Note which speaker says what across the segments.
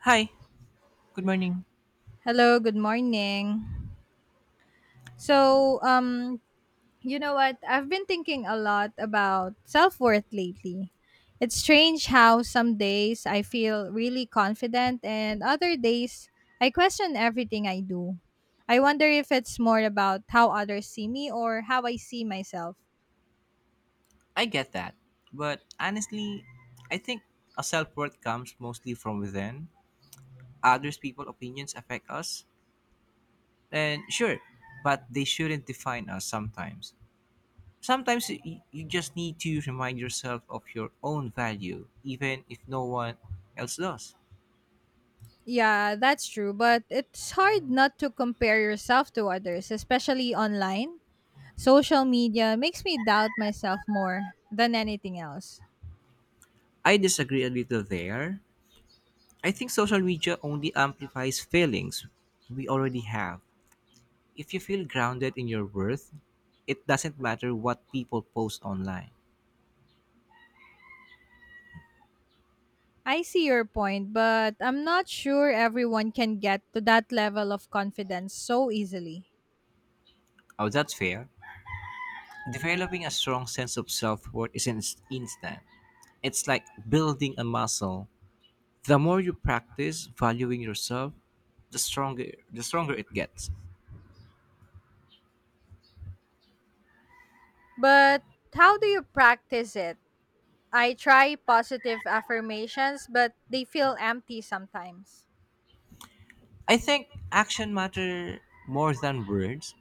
Speaker 1: Hi, good morning.
Speaker 2: Hello, good morning. So, um, you know what? I've been thinking a lot about self worth lately. It's strange how some days I feel really confident, and other days I question everything I do. I wonder if it's more about how others see me or how I see myself.
Speaker 1: I get that. But honestly, I think a self worth comes mostly from within. Others people opinions affect us. And sure, but they shouldn't define us sometimes. Sometimes you just need to remind yourself of your own value, even if no one else does.
Speaker 2: Yeah, that's true, but it's hard not to compare yourself to others, especially online. Social media makes me doubt myself more than anything else.
Speaker 1: I disagree a little there. I think social media only amplifies feelings we already have. If you feel grounded in your worth, it doesn't matter what people post online.
Speaker 2: I see your point, but I'm not sure everyone can get to that level of confidence so easily.
Speaker 1: Oh, that's fair. Developing a strong sense of self worth isn't instant, it's like building a muscle. The more you practice valuing yourself, the stronger it gets.
Speaker 2: But how do you practice it? I try positive affirmations, but they feel empty sometimes.
Speaker 1: I think action matter more than words.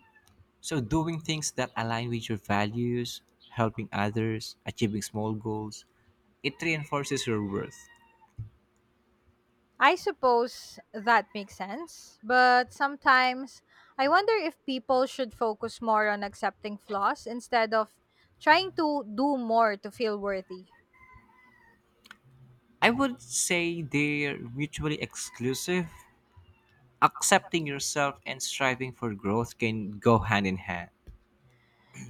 Speaker 1: So doing things that align with your values, helping others, achieving small goals, it reinforces your worth.
Speaker 2: I suppose that makes sense, but sometimes I wonder if people should focus more on accepting flaws instead of trying to do more to feel worthy.
Speaker 1: I would say they're mutually exclusive. Accepting yourself and striving for growth can go hand in hand.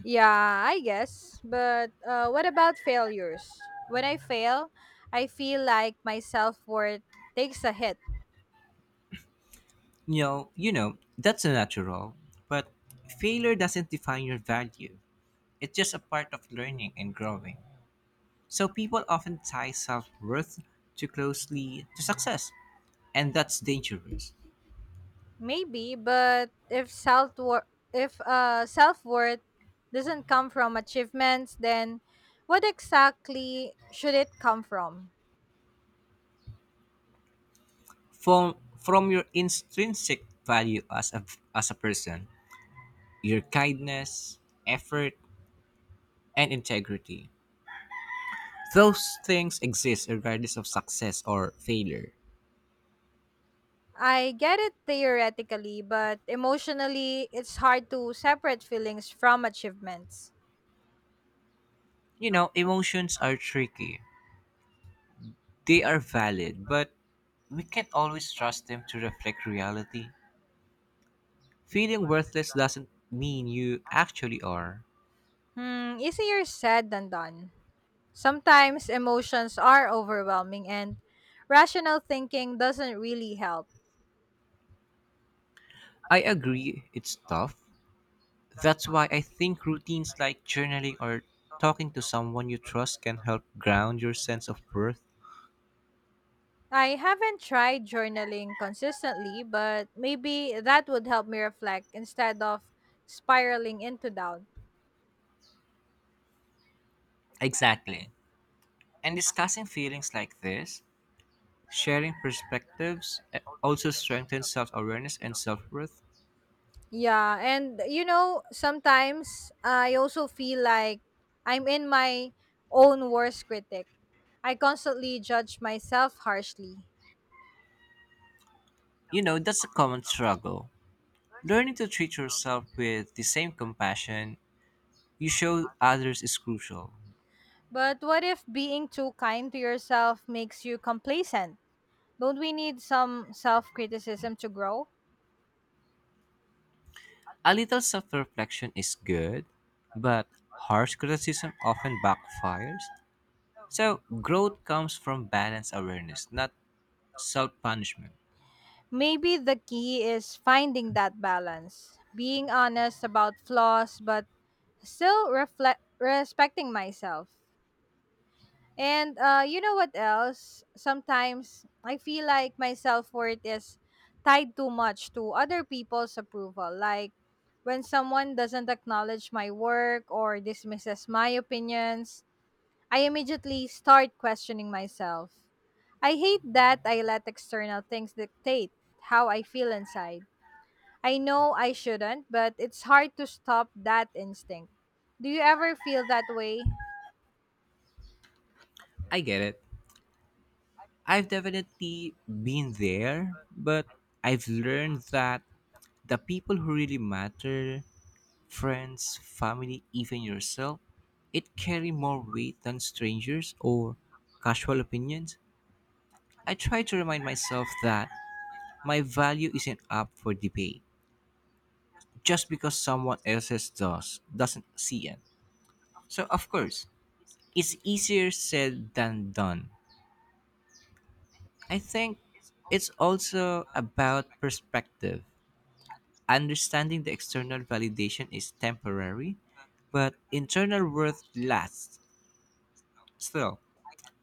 Speaker 2: Yeah, I guess. But what about failures? When I fail, I feel like my self worth takes a hit.
Speaker 1: You know, that's natural, but failure doesn't define your value. It's just a part of learning and growing. So people often tie self-worth too closely to success, and that's dangerous.
Speaker 2: Maybe, but if self worth doesn't come from achievements, then what exactly should it come from?
Speaker 1: From your intrinsic value as a person, your kindness, effort, and integrity. Those things exist regardless of success or failure.
Speaker 2: I get it theoretically, but emotionally, it's hard to separate feelings from achievements.
Speaker 1: You know, emotions are tricky. They are valid, but we can't always trust them to reflect reality. Feeling worthless doesn't mean you actually are.
Speaker 2: Hmm, easier said than done. Sometimes emotions are overwhelming and rational thinking doesn't really help.
Speaker 1: I agree, it's tough. That's why I think routines like journaling or talking to someone you trust can help ground your sense of worth.
Speaker 2: I haven't tried journaling consistently, but maybe that would help me reflect instead of spiraling into doubt.
Speaker 1: Exactly. And discussing feelings like this, sharing perspectives also strengthens self awareness and self worth.
Speaker 2: Yeah, and sometimes I also feel like I'm in my own worst critic. I constantly judge myself harshly.
Speaker 1: You know, that's a common struggle. Learning to treat yourself with the same compassion you show others is crucial.
Speaker 2: But what if being too kind to yourself makes you complacent? Don't we need some self criticism to grow?
Speaker 1: A little self reflection is good, but harsh criticism often backfires. So, growth comes from balanced awareness, not self punishment.
Speaker 2: Maybe the key is finding that balance, being honest about flaws, but still reflect, respecting myself. And you know what else? Sometimes I feel like my self worth is tied too much to other people's approval. Like when someone doesn't acknowledge my work or dismisses my opinions, I immediately start questioning myself. I hate that I let external things dictate how I feel inside. I know I shouldn't, but it's hard to stop that instinct. Do you ever feel that way?
Speaker 1: I get it. I've definitely been there, but I've learned that the people who really matter, friends, family, even yourself, it carry more weight than strangers or casual opinions. I try to remind myself that my value isn't up for debate just because someone else's does doesn't see it. So of course, it's easier said than done. I think it's also about perspective. Understanding the external validation is temporary, but internal worth lasts. Still,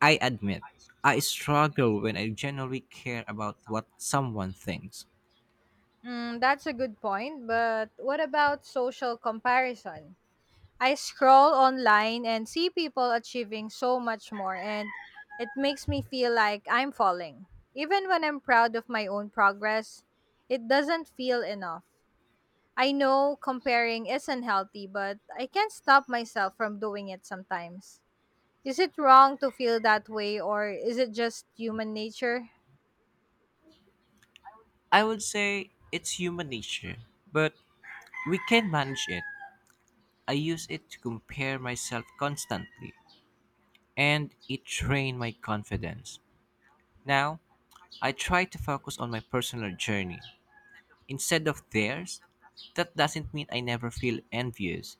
Speaker 1: I admit, I struggle when I genuinely care about what someone thinks.
Speaker 2: Mm, that's a good point, but what about social comparison? I scroll online and see people achieving so much more, and it makes me feel like I'm falling. Even when I'm proud of my own progress, it doesn't feel enough. I know comparing isn't healthy, but I can't stop myself from doing it sometimes. Is it wrong to feel that way, or is it just human nature?
Speaker 1: I would say it's human nature, but we can manage it. I use it to compare myself constantly, and it drained my confidence. Now, I try to focus on my personal journey instead of theirs. That doesn't mean I never feel envious,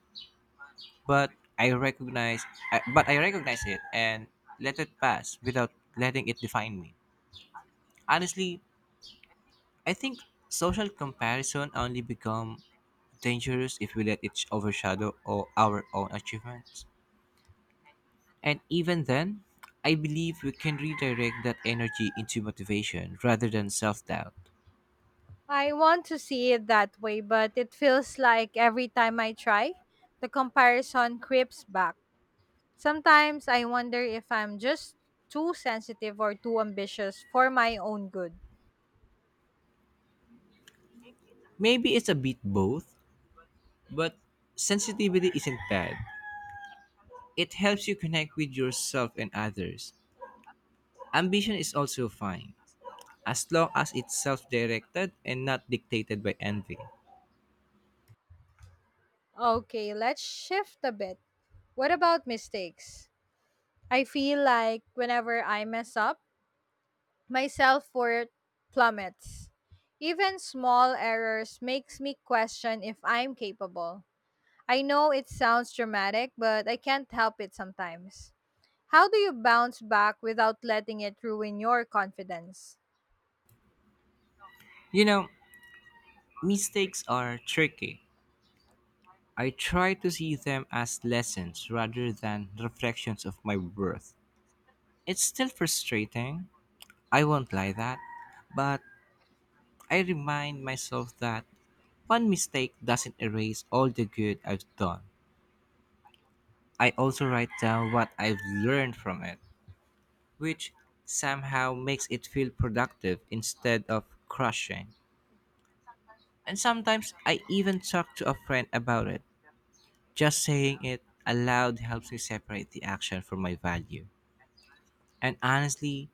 Speaker 1: but I recognize I recognize it and let it pass without letting it define me. Honestly, I think social comparison only become dangerous if we let it overshadow all our own achievements. And even then, I believe we can redirect that energy into motivation rather than self-doubt.
Speaker 2: I want to see it that way, but it feels like every time I try, the comparison creeps back. Sometimes I wonder if I'm just too sensitive or too ambitious for my own good.
Speaker 1: Maybe it's a bit both, but sensitivity isn't bad. It helps you connect with yourself and others. Ambition is also fine, as long as it's self-directed and not dictated by envy.
Speaker 2: Okay, let's shift a bit. What about mistakes? I feel like whenever I mess up, my self-worth plummets. Even small errors makes me question if I'm capable. I know it sounds dramatic, but I can't help it sometimes. How do you bounce back without letting it ruin your confidence?
Speaker 1: You know, mistakes are tricky. I try to see them as lessons rather than reflections of my worth. It's still frustrating, I won't lie that, but I remind myself that one mistake doesn't erase all the good I've done. I also write down what I've learned from it, which somehow makes it feel productive instead of crushing. And sometimes I even talk to a friend about it. Just saying it aloud helps me separate the action from my value. And honestly,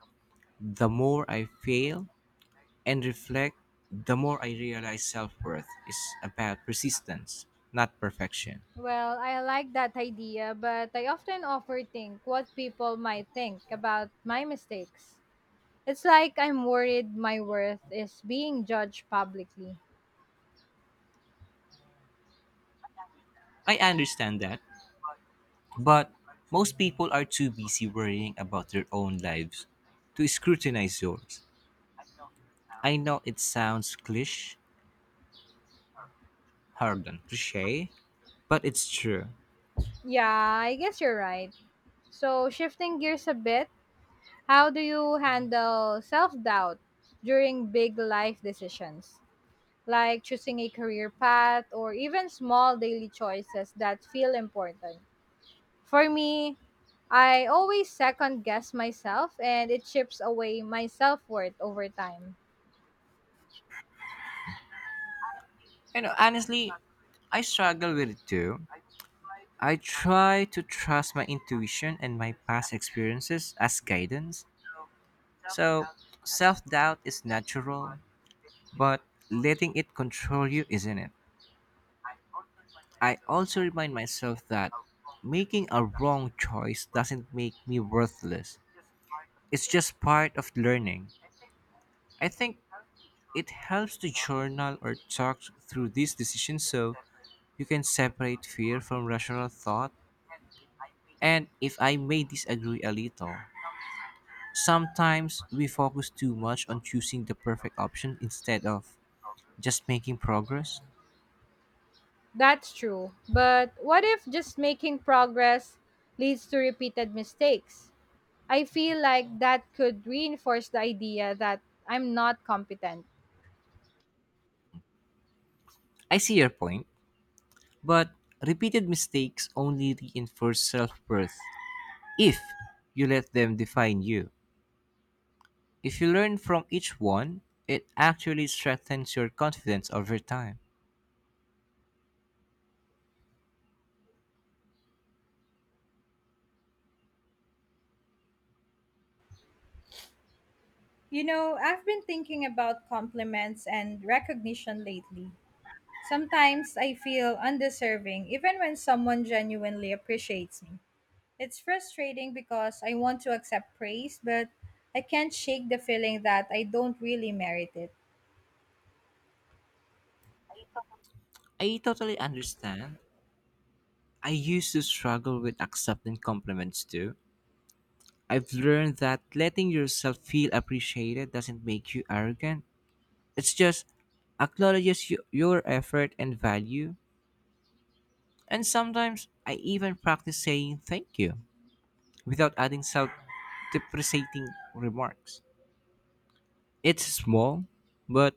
Speaker 1: the more I fail and reflect, the more I realize self worth is about persistence, not perfection.
Speaker 2: Well, I like that idea, but I often overthink what people might think about my mistakes. It's like I'm worried my worth is being judged publicly.
Speaker 1: I understand that, but most people are too busy worrying about their own lives to scrutinize yours. I know it sounds cliche, pardon, cliche, but it's true.
Speaker 2: Yeah, I guess you're right. So, shifting gears a bit, how do you handle self doubt during big life decisions, like choosing a career path or even small daily choices that feel important? For me, I always second guess myself and it chips away my self worth over time.
Speaker 1: You know, honestly, I struggle with it too. I try to trust my intuition and my past experiences as guidance. So, self doubt is natural, but letting it control you isn't it? I also remind myself that making a wrong choice doesn't make me worthless, it's just part of learning. I think it helps to journal or talk through these decisions so you can separate fear from rational thought. And if I may disagree a little, sometimes we focus too much on choosing the perfect option instead of just making progress.
Speaker 2: That's true. But what if just making progress leads to repeated mistakes? I feel like that could reinforce the idea that I'm not competent.
Speaker 1: I see your point, but repeated mistakes only reinforce self worth if you let them define you. If you learn from each one, it actually strengthens your confidence over time.
Speaker 2: You know, I've been thinking about compliments and recognition lately. Sometimes I feel undeserving even when someone genuinely appreciates me. It's frustrating because I want to accept praise, but I can't shake the feeling that I don't really merit it.
Speaker 1: I totally understand. I used to struggle with accepting compliments too. I've learned that letting yourself feel appreciated doesn't make you arrogant. It's just acknowledges you, your effort and value. And sometimes I even practice saying thank you without adding self depreciating remarks. It's small, but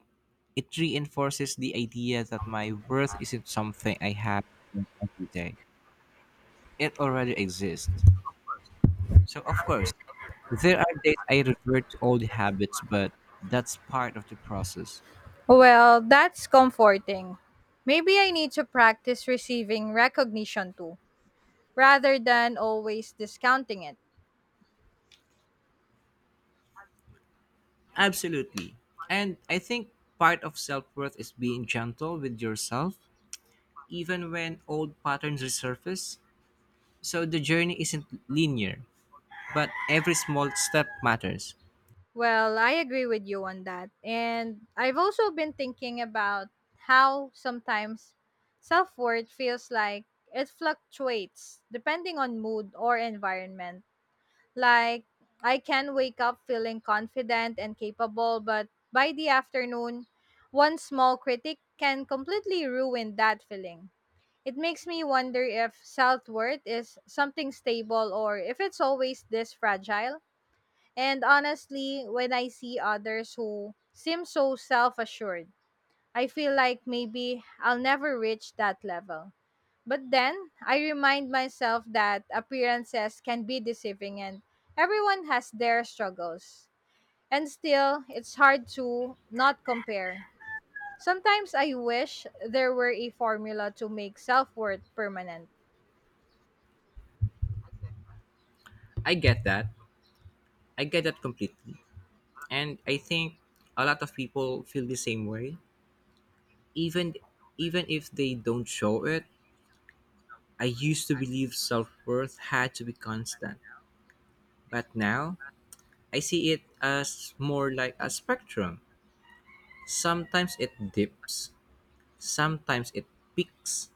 Speaker 1: it reinforces the idea that my worth isn't something I have every day. It already exists. So, of course, there are days I revert to old habits, but that's part of the process.
Speaker 2: Well, that's comforting. Maybe I need to practice receiving recognition too, rather than always discounting it.
Speaker 1: Absolutely. And I think part of self worth is being gentle with yourself, even when old patterns resurface. So the journey isn't linear, but every small step matters.
Speaker 2: Well, I agree with you on that. And I've also been thinking about how sometimes self worth feels like it fluctuates depending on mood or environment. Like, I can wake up feeling confident and capable, but by the afternoon, one small critic can completely ruin that feeling. It makes me wonder if self worth is something stable or if it's always this fragile. And honestly, when I see others who seem so self assured, I feel like maybe I'll never reach that level. But then I remind myself that appearances can be deceiving and everyone has their struggles. And still, it's hard to not compare. Sometimes I wish there were a formula to make self worth permanent.
Speaker 1: I get that. I get that completely. And I think a lot of people feel the same way. Even even if they don't show it, I used to believe self-worth had to be constant. But now I see it as more like a spectrum. Sometimes it dips, sometimes it peaks.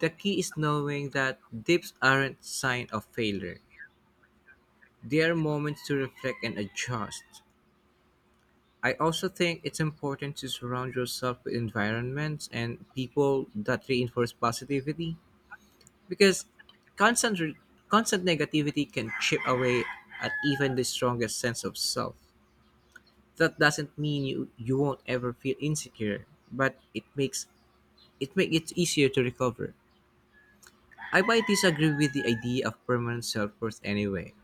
Speaker 1: The key is knowing that dips aren't sign of failure. They are moments to reflect and adjust. I also think it's important to surround yourself with environments and people that reinforce positivity because constant re- constant negativity can chip away at even the strongest sense of self. That doesn't mean you won't ever feel insecure, but it makes it easier to recover. I might disagree with the idea of permanent self-worth anyway,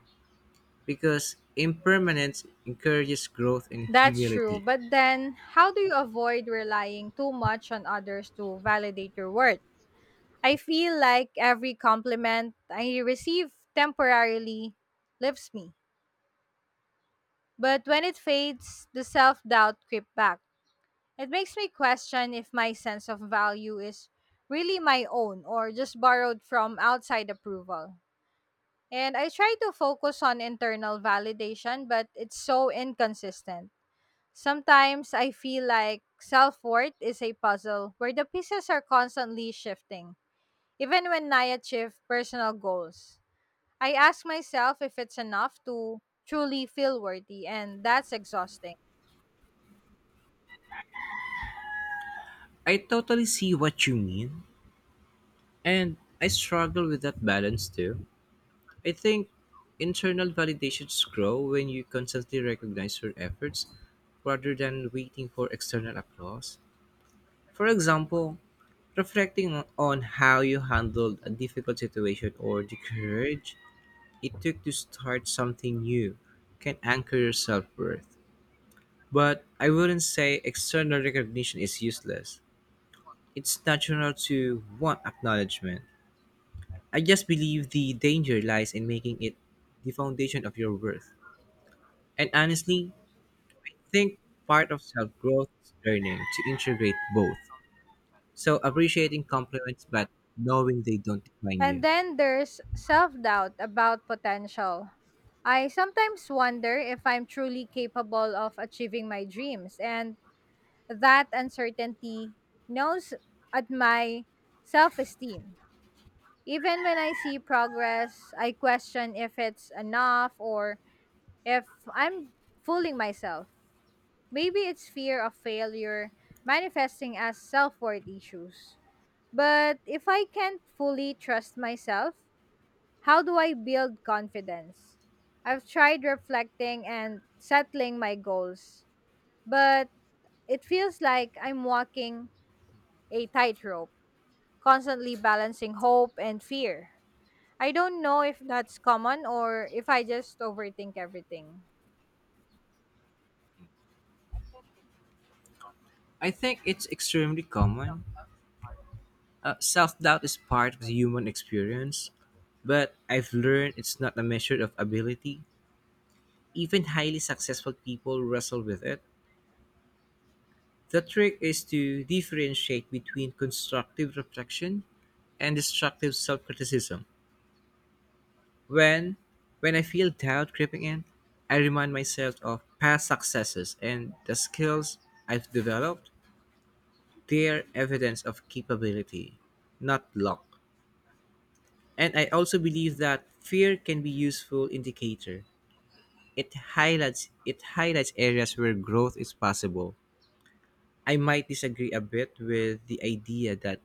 Speaker 1: because impermanence encourages growth and
Speaker 2: That's true.
Speaker 1: humility.
Speaker 2: But then, how do you avoid relying too much on others to validate your worth? I feel like every compliment I receive temporarily lifts me. But when it fades, the self doubt creeps back. It makes me question if my sense of value is really my own or just borrowed from outside approval. And I try to focus on internal validation, but it's so inconsistent. Sometimes I feel like self worth is a puzzle where the pieces are constantly shifting, even when I achieve personal goals. I ask myself if it's enough to truly feel worthy, and that's exhausting.
Speaker 1: I totally see what you mean, and I struggle with that balance too. I think internal validations grow when you constantly recognize your efforts rather than waiting for external applause. For example, reflecting on how you handled a difficult situation or the courage it took to start something new can anchor your self worth. But I wouldn't say external recognition is useless. It's natural to want acknowledgement. I just believe the danger lies in making it the foundation of your worth. And honestly, think part of self growth is learning to integrate both. So appreciating compliments but knowing they don't define
Speaker 2: And
Speaker 1: you.
Speaker 2: then there's self doubt about potential. I sometimes wonder if I'm truly capable of achieving my dreams, and that uncertainty gnaws at my self esteem. Even when I see progress, I question if it's enough or if I'm fooling myself. Maybe it's fear of failure manifesting as self worth issues. But if I can't fully trust myself, how do I build confidence? I've tried reflecting and settling my goals, but it feels like I'm walking a tightrope, constantly balancing hope and fear. I don't know if that's common or if I just overthink everything.
Speaker 1: I think it's extremely common. Self doubt is part of the human experience, but I've learned it's not a measure of ability. Even highly successful people wrestle with it. The trick is to differentiate between constructive reflection and destructive self-criticism. When when I feel doubt creeping in, I remind myself of past successes and the skills I've developed. They're evidence of capability, not luck. And I also believe that fear can be useful indicator. It highlights areas where growth is possible. I might disagree a bit with the idea that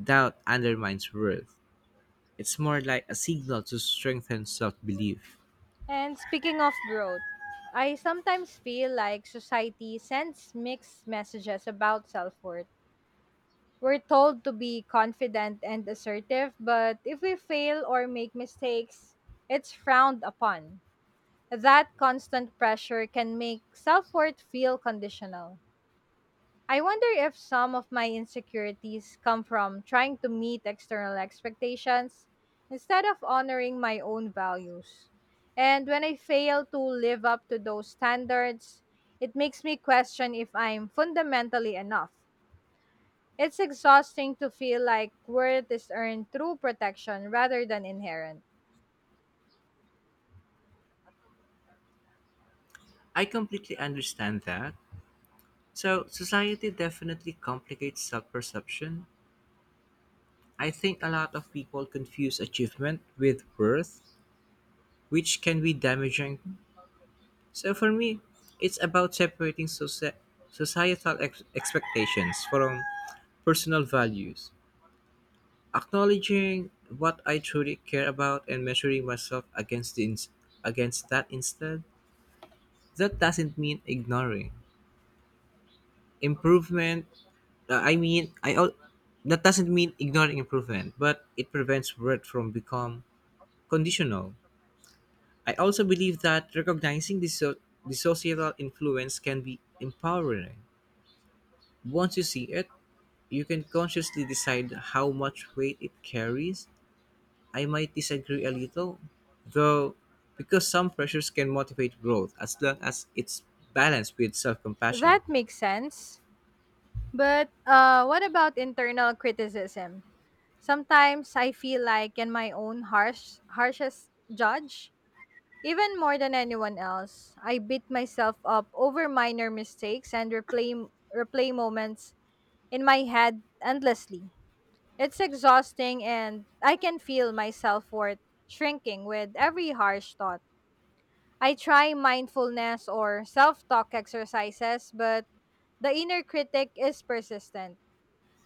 Speaker 1: doubt undermines worth. It's more like a signal to strengthen self belief.
Speaker 2: And speaking of growth, I sometimes feel like society sends mixed messages about self worth. We're told to be confident and assertive, but if we fail or make mistakes, it's frowned upon. That constant pressure can make self worth feel conditional. I wonder if some of my insecurities come from trying to meet external expectations instead of honoring my own values. And when I fail to live up to those standards, it makes me question if I'm fundamentally enough. It's exhausting to feel like worth is earned through protection rather than inherent.
Speaker 1: I completely understand that. So, society definitely complicates self perception. I think a lot of people confuse achievement with worth, which can be damaging. So, for me, it's about separating societal expectations from personal values, acknowledging what I truly care about, and measuring myself against, against that instead. That doesn't mean ignoring improvement I mean I al- that doesn't mean ignoring improvement but it prevents worth from become conditional. I also believe that recognizing the societal influence can be empowering. Once you see it you can consciously decide how much weight it carries. I might disagree a little, though, because some pressures can motivate growth as long as it's balanced with self-compassion.
Speaker 2: That makes sense. But what about internal criticism? Sometimes I feel like in my own harshest judge, even more than anyone else. I beat myself up over minor mistakes and replay moments in my head endlessly. It's exhausting and I can feel my self-worth shrinking with every harsh thought. I try mindfulness or self-talk exercises, but the inner critic is persistent.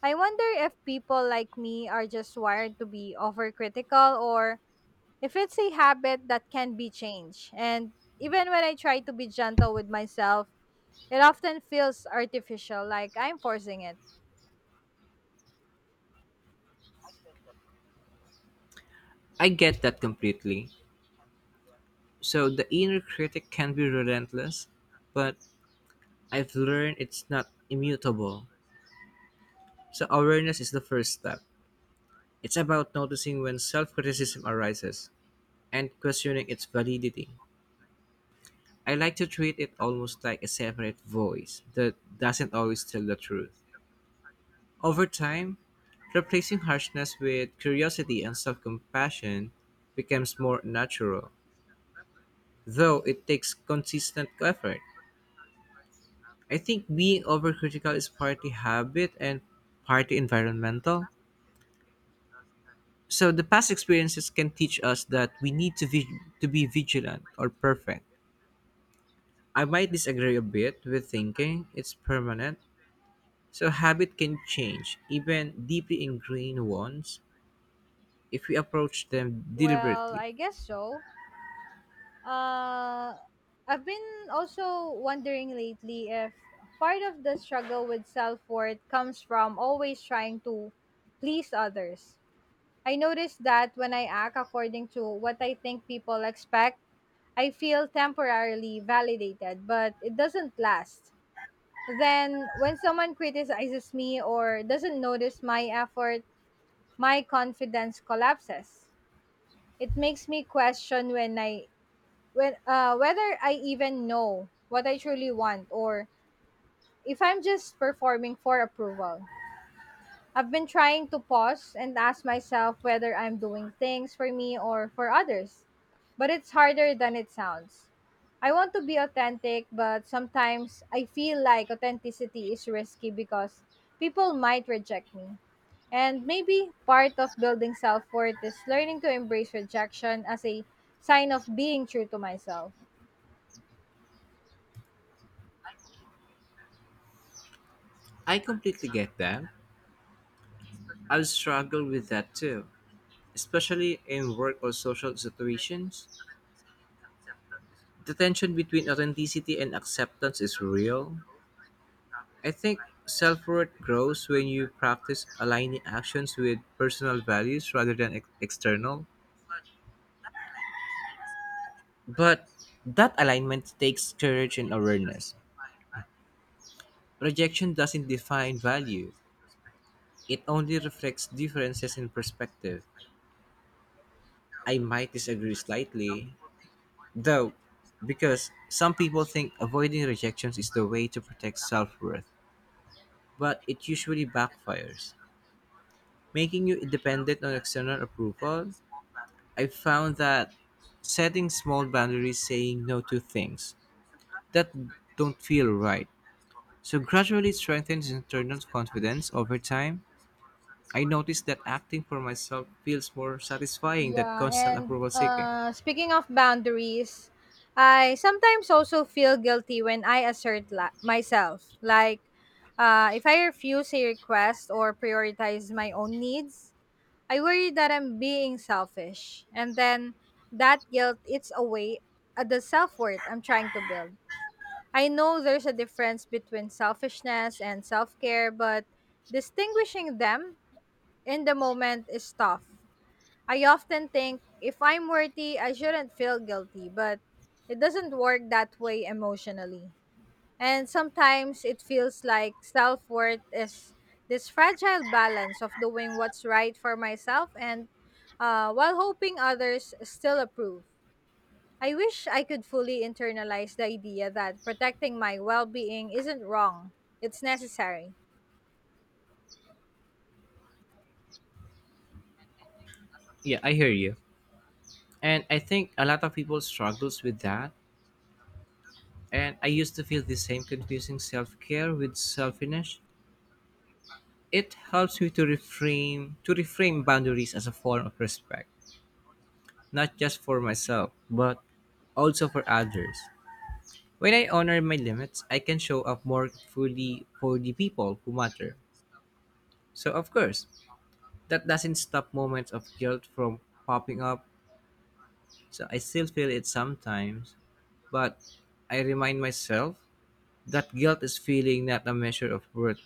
Speaker 2: I wonder if people like me are just wired to be overcritical or if it's a habit that can be changed. And even when I try to be gentle with myself, it often feels artificial, like I'm forcing it.
Speaker 1: I get that completely. So the inner critic can be relentless, but I've learned it's not immutable. So awareness is the first step. It's about noticing when self criticism arises and questioning its validity. I like to treat it almost like a separate voice that doesn't always tell the truth. Over time, replacing harshness with curiosity and self compassion becomes more natural, though it takes consistent effort. I think being overcritical is partly habit and partly environmental. So the past experiences can teach us that we need to be vigilant or perfect. I might disagree a bit with thinking it's permanent. So habit can change, even deeply ingrained ones, if we approach them
Speaker 2: Well,
Speaker 1: deliberately.
Speaker 2: I guess so. Uh, I've been also wondering lately if part of the struggle with self worth comes from always trying to please others. I noticed that when I act according to what I think people expect, I feel temporarily validated, but it doesn't last. Then, when someone criticizes me or doesn't notice my effort, my confidence collapses. It makes me question when I when whether I even know what I truly want or if I'm just performing for approval. I've been trying to pause and ask myself whether I'm doing things for me or for others, but it's harder than it sounds. I want to be authentic, but sometimes I feel like authenticity is risky because people might reject me. And maybe part of building self worth is learning to embrace rejection as a sign of being true to myself.
Speaker 1: I completely get that. I've struggled with that too, especially in work or social situations. The tension between authenticity and acceptance is real. I think self worth grows when you practice aligning actions with personal values rather than external. But that alignment takes courage and awareness. Rejection doesn't define value, it only reflects differences in perspective. I might disagree slightly, though, because some people think avoiding rejections is the way to protect self worth, but it usually backfires, making you dependent on external approval. I found that setting small boundaries, saying no to things that don't feel right, so gradually strengthens internal confidence over time. I noticed that acting for myself feels more satisfying than
Speaker 2: Yeah,
Speaker 1: constant
Speaker 2: and
Speaker 1: approval seeking.
Speaker 2: speaking of boundaries, I sometimes also feel guilty when I myself. Like, if I refuse a request or prioritize my own needs, I worry that I'm being selfish. And then that guilt eats away at the self worth I'm trying to build. I know there's a difference between selfishness and self care, but distinguishing them in the moment is tough. I often think if I'm worthy, I shouldn't feel guilty, but it doesn't work that way emotionally. And sometimes it feels like self worth is this fragile balance of doing what's right for myself and while hoping others still approve. I wish I could fully internalize the idea that protecting my well being isn't wrong, it's necessary.
Speaker 1: Yeah, I hear you. And I think a lot of people struggles with that. And I used to feel the same confusing self-care with selfishness. It helps me to reframe boundaries as a form of respect, not just for myself, but also for others. When I honor my limits, I can show up more fully for the people who matter. So, of course, that doesn't stop moments of guilt from popping up. So, I still feel it sometimes, but I remind myself that guilt is feeling, not a measure of worth.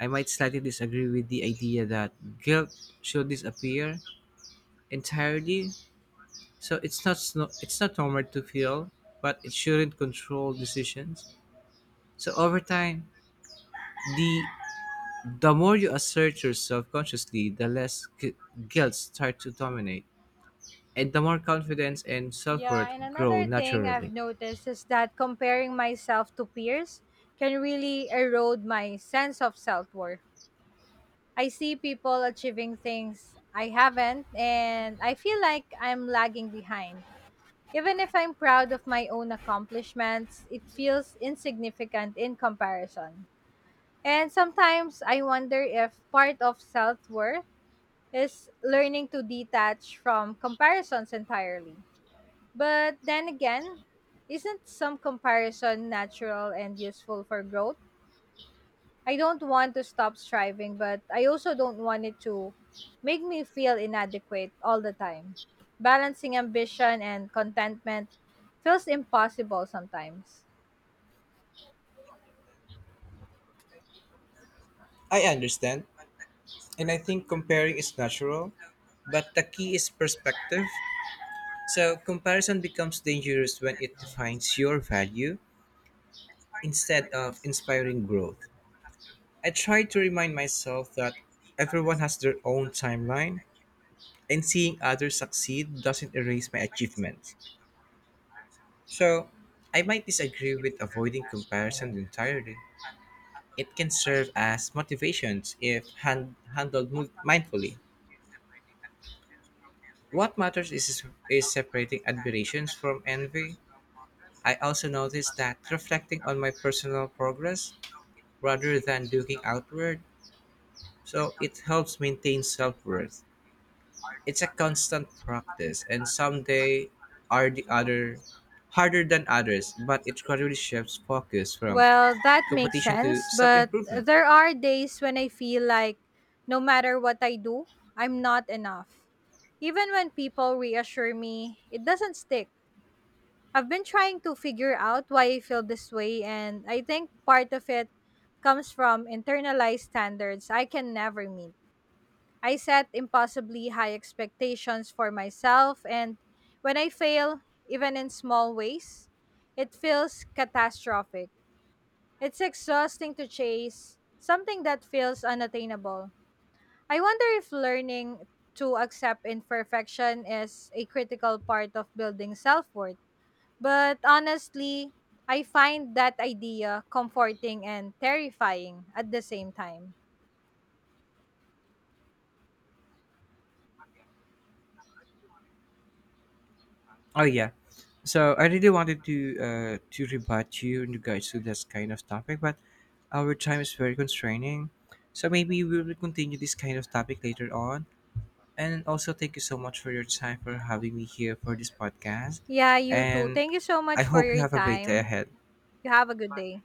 Speaker 1: I might slightly disagree with the idea that guilt should disappear entirely. So it's not sno- it's not normal to feel, but it shouldn't control decisions. So over time, the the more you assert yourself consciously, the guilt start to dominate, and the more confidence and self
Speaker 2: Yeah,
Speaker 1: worth
Speaker 2: and
Speaker 1: grow
Speaker 2: another thing I've
Speaker 1: naturally.
Speaker 2: noticed is that comparing myself to peers can really erode my sense of self worth. I see people achieving things I haven't, and I feel like I'm lagging behind. Even if I'm proud of my own accomplishments, it feels insignificant in comparison. And sometimes I wonder if part of self worth is learning to detach from comparisons entirely. But then again, isn't some comparison natural and useful for growth? I don't want to stop striving, but I also don't want it to make me feel inadequate all the time. Balancing ambition and contentment feels impossible sometimes.
Speaker 1: I understand, and I think comparing is natural, but the key is perspective. So comparison becomes dangerous when it defines your value instead of inspiring growth. I try to remind myself that everyone has their own timeline, and seeing others succeed doesn't erase my achievements. So, I might disagree with avoiding comparison entirely. It can serve as motivations if handled mindfully. What matters is separating admirations from envy. I also noticed that reflecting on my personal progress rather than looking outward, so it helps maintain self worth. It's a constant practice, and some days are the other harder than others, but it gradually shifts focus from
Speaker 2: Well, that makes
Speaker 1: competition to
Speaker 2: sense,
Speaker 1: self
Speaker 2: but
Speaker 1: improvement.
Speaker 2: there are days when I feel like no matter what I do, I'm not enough. Even when people reassure me, it doesn't stick. I've been trying to figure out why I feel this way, and I think part of it comes from internalized standards I can never meet. I set impossibly high expectations for myself, and when I fail, even in small ways, it feels catastrophic. It's exhausting to chase something that feels unattainable. I wonder if learning to accept imperfection is a critical part of building self worth, but honestly, I find that idea comforting and terrifying at the same time.
Speaker 1: Oh yeah, so I really wanted to rebut you in regards to this kind of topic, but our time is very constraining. So maybe we will continue this kind of topic later on. And also thank you so much for your time for having me here for this podcast.
Speaker 2: Yeah, you too.
Speaker 1: And
Speaker 2: Thank you so
Speaker 1: I
Speaker 2: much for
Speaker 1: hope you
Speaker 2: your
Speaker 1: have a great day
Speaker 2: time.
Speaker 1: ahead.
Speaker 2: You have a good day.